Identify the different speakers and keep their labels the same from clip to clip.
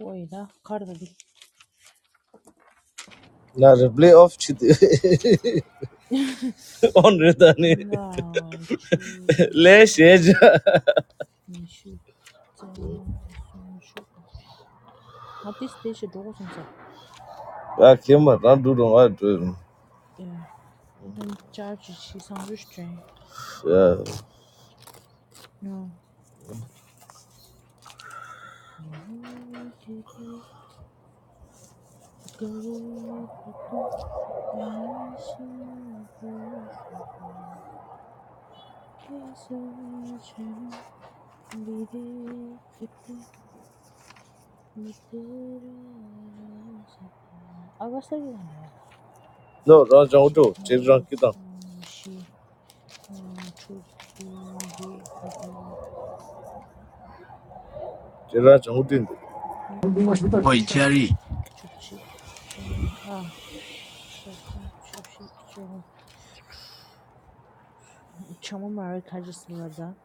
Speaker 1: Oyla Kardedik.
Speaker 2: Na playoff çıktı. Onları tane.
Speaker 1: Lan çocuğa
Speaker 2: Leşece.
Speaker 1: meşhur sunuşu. At this station Dawson's.
Speaker 2: Ya kim var lan durun var
Speaker 1: Yeah. And charge she sounds strange.
Speaker 2: Ya.
Speaker 1: No. Garip tu hamisha basita. Kaisa chanum bire kıta mitera rasita. Ağaçlar yılan var.
Speaker 2: No rajan ucu. Çeviren
Speaker 1: Çekiyorsun
Speaker 2: kitan.
Speaker 1: şifa çok bilgi gurme
Speaker 2: Çeviren can
Speaker 1: gurme
Speaker 3: Ой,
Speaker 1: çuk
Speaker 3: Чарли,
Speaker 1: çuk çik çumi ah çokun çuk çik çama çama mara kacısına da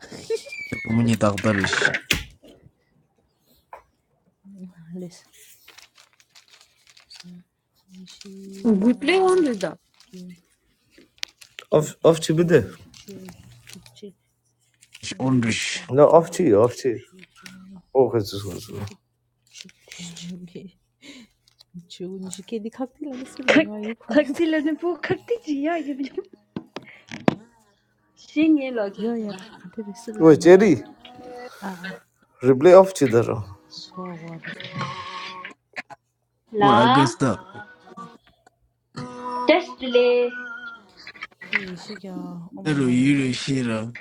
Speaker 3: ты помни докторыш,
Speaker 1: les şifa
Speaker 4: Guplay on
Speaker 1: çok
Speaker 4: lida.
Speaker 2: Of
Speaker 1: bilgi
Speaker 2: of çıktı
Speaker 1: gurme çuk çik çimi
Speaker 3: онрыш,
Speaker 2: No of
Speaker 1: çoksun
Speaker 2: çıktı of
Speaker 1: çuk
Speaker 2: çıktı.
Speaker 1: çik çimi
Speaker 2: O kadar sonuç.
Speaker 1: çuk çik çuk çik çuk Çoğun işi kedi kalktı ile nasıl yemeğe koyuyor.
Speaker 4: khakti la ne po khakti ji ya ye bi shin ye lo ji
Speaker 1: Yoyar ka dai siri da
Speaker 2: Ve
Speaker 1: ngate.
Speaker 2: çeri.
Speaker 1: A'a,
Speaker 2: Replay of çıktı.
Speaker 1: goa goa disko.
Speaker 3: у
Speaker 4: la
Speaker 3: Агуста,
Speaker 4: test le
Speaker 1: Ke shigya, oh my
Speaker 3: эру
Speaker 1: gosh.
Speaker 3: юру шира,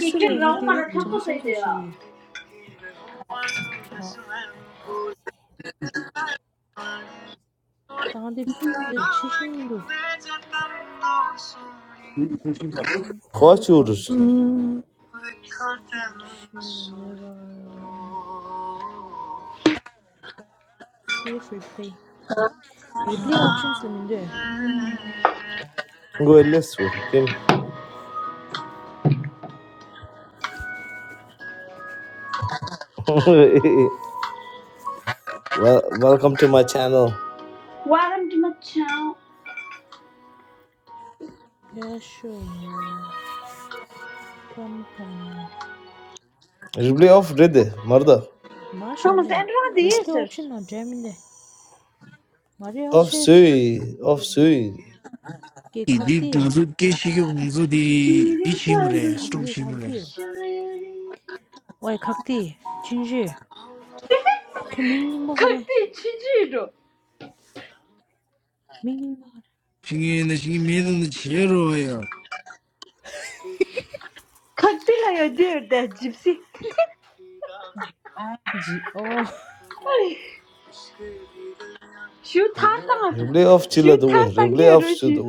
Speaker 4: ye ken ra
Speaker 1: ngate
Speaker 4: ma
Speaker 1: yuk
Speaker 4: ra thap ko
Speaker 1: chamba
Speaker 4: sai
Speaker 1: siri so
Speaker 4: de ya
Speaker 1: shi. Ha, ta ngate the chishing milu. And audio
Speaker 2: Koç uğuruz.
Speaker 1: quality. Share mirror. Save replay. Replay options leminde.
Speaker 2: Ve les ve kim. Welcome to my channel.
Speaker 4: wa ram ji ma cha
Speaker 1: Yeah, sure. Come, come.
Speaker 2: Replay of redi. Marda.
Speaker 4: ha ma sen
Speaker 1: 마샤네
Speaker 4: ra de
Speaker 1: 리플레이
Speaker 4: yeser.
Speaker 1: 옵션 나 재밌네 말이
Speaker 2: Of
Speaker 1: 없이
Speaker 2: suy. Of suy.
Speaker 1: 게
Speaker 3: и дип
Speaker 1: 각디
Speaker 3: назу кешиги унзу
Speaker 4: ye sir
Speaker 3: ди
Speaker 4: ni
Speaker 3: ди
Speaker 4: re
Speaker 3: чимре, стом
Speaker 1: 각디
Speaker 4: ta
Speaker 3: чимре.
Speaker 1: 각디 와 각디 진실 그 민닝거 하래.
Speaker 4: khakti chi ji do
Speaker 1: 민닝거 하래.
Speaker 3: Шинги на шинги меду на черо я.
Speaker 4: khakti la yo de da gypsy
Speaker 1: 지. 어.
Speaker 4: shu thar ta
Speaker 2: Replay of
Speaker 4: shu
Speaker 2: çıladı
Speaker 4: thar
Speaker 2: ve.
Speaker 4: ta ge
Speaker 2: Replay of
Speaker 4: ro shi
Speaker 2: çıladı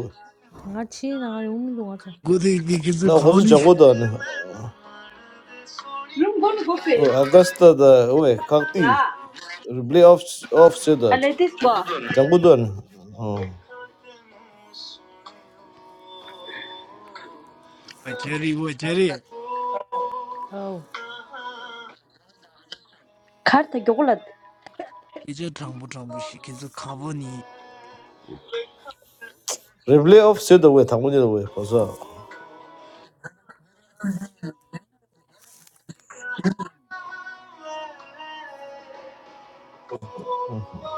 Speaker 1: 같이 나 용민도 가자.
Speaker 3: Годы ди кизу
Speaker 2: na khozu
Speaker 3: кавани.
Speaker 2: jango da ne
Speaker 4: rum bon go fe
Speaker 2: o augusta da o
Speaker 4: la
Speaker 2: kakti replay off off se da
Speaker 4: ale this ba
Speaker 2: jango da ne
Speaker 3: А Чарли, о Чарли,
Speaker 1: 아우.
Speaker 4: khar ta go
Speaker 3: и че трамбу трамбу ши кизу кавани.
Speaker 2: replay off se da we thangu ne we pa sa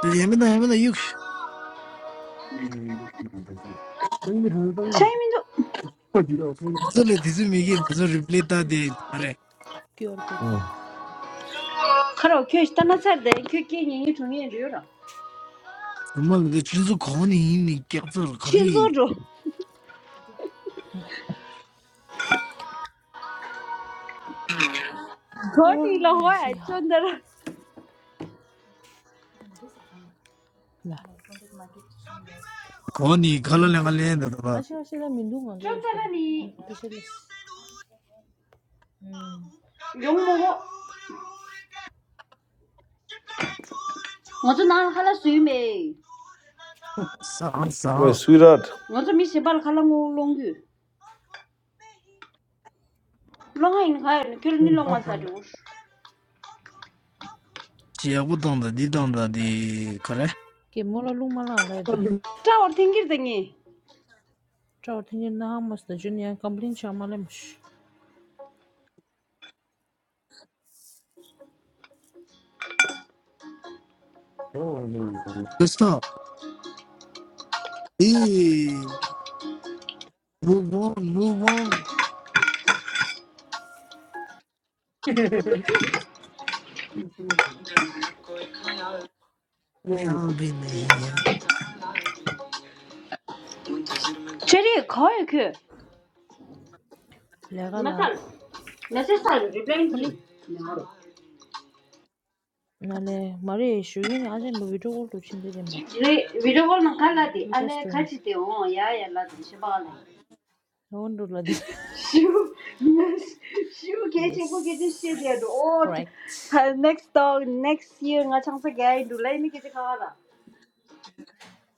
Speaker 3: Ямена ямена юк.
Speaker 4: la
Speaker 3: Золе дизу миги мзу риплета де, аре.
Speaker 1: 끼어 볼 거야.
Speaker 4: Kharo kyo ishtana sarde, kyo kye nyengi chungi yenri yora.
Speaker 3: Мал чинзу кавани ини кяпсар
Speaker 4: Chinzo
Speaker 3: кари.
Speaker 4: jo. Khori la
Speaker 1: 어,
Speaker 4: hoa,
Speaker 1: 역시야.
Speaker 4: chondara.
Speaker 1: 나.
Speaker 3: Kawani kala langa lenda
Speaker 1: 같이 가시다 민동 안 좋으시더라.
Speaker 4: Chondara ni
Speaker 1: 비실레스. 음.
Speaker 4: yong mogo. Ngozo na khala sui me.
Speaker 3: sāng
Speaker 2: o
Speaker 3: sāng
Speaker 2: sweetheart
Speaker 4: Ngozo mi shibal khala ngo longyu. Longa in khaya, kyo ni long masla jo.
Speaker 3: chi yāgu tānda dī tānda dī kare
Speaker 1: 게 뭐라 룸말라 알아야
Speaker 4: Chawar tingir dengi.
Speaker 1: 저 tenye na hamas da juniya complain chamalemush
Speaker 3: kustā dī move on move on yāng bī nā hī yā
Speaker 4: Chari khaya kyo.
Speaker 1: lega la
Speaker 4: Masal, nasi sal, replying ki.
Speaker 1: honi nale mari shugin aje me video call to chin dedim ba
Speaker 4: Re, video call na khala di,
Speaker 1: little
Speaker 4: ale
Speaker 1: story
Speaker 4: khachi de on, ya ya la di, shibal la.
Speaker 1: no wonder la
Speaker 4: Shoo, yes, shoo, getting for getting shit there.
Speaker 1: yes
Speaker 4: Oh, t-
Speaker 1: correct
Speaker 4: t- next dog, next year, nga chang sa gay do lay me get kala.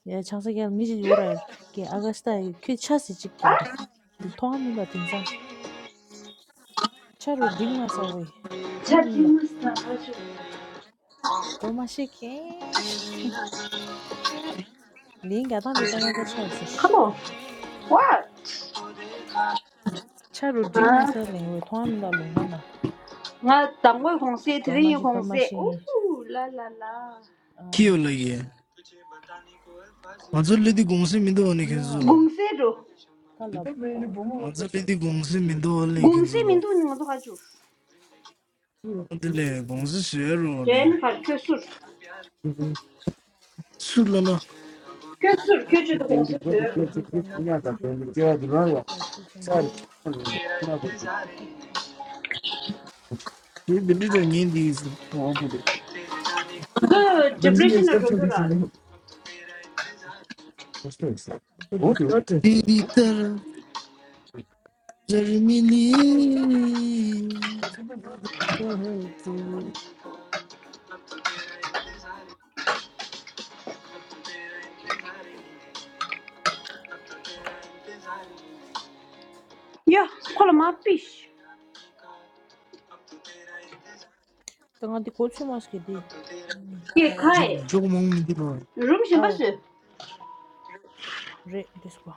Speaker 1: 예 장사게 미지 요라 게 아가스타 그 차시 집겐부 통화민도 딩상 차로 딩마사 왜
Speaker 4: Chat you
Speaker 1: 통화민도
Speaker 4: must na shoo.
Speaker 1: 도마시게 링가 단데 단다 차이서
Speaker 4: Come on. What?
Speaker 1: 차로
Speaker 4: Ah,
Speaker 1: 딩마사 링왜 통화민도 롱마나
Speaker 4: nga dang wei hong se, tri yin
Speaker 1: 도마시
Speaker 4: hong se.
Speaker 1: 도마시
Speaker 4: Ooh, la la la.
Speaker 3: kiyo
Speaker 1: 아
Speaker 3: lā yā mācā lī dī gōngsī mīndā wā nī kīnzu
Speaker 1: 김영할
Speaker 3: lō
Speaker 4: Gung se do.
Speaker 1: 탈랍
Speaker 3: mācā lī dī gōngsī mīndā wā nī
Speaker 4: Gung
Speaker 3: kīnzu
Speaker 4: se
Speaker 3: lō
Speaker 4: min do ni nga do ha chu.
Speaker 3: dī lē gōngsī shē rō nī
Speaker 4: Then par ke sur.
Speaker 3: sū lā nā
Speaker 4: Ke sur, ke chu
Speaker 3: jī
Speaker 4: do hong se se do.
Speaker 1: these are not photo credit like this and this is effective.
Speaker 3: bī dī tō nyēn dī sū
Speaker 4: The
Speaker 3: Benzin
Speaker 4: depression na do
Speaker 3: exception
Speaker 4: do
Speaker 3: this
Speaker 4: ra.
Speaker 3: in the space. What you Bibi taraf Jeremili.
Speaker 4: Yeah, call my fish.
Speaker 1: Tanga di kochi maske di.
Speaker 4: Ke kai.
Speaker 3: Çok çok mu
Speaker 4: Room shin ba
Speaker 1: Aw,
Speaker 4: se.
Speaker 1: re, this one.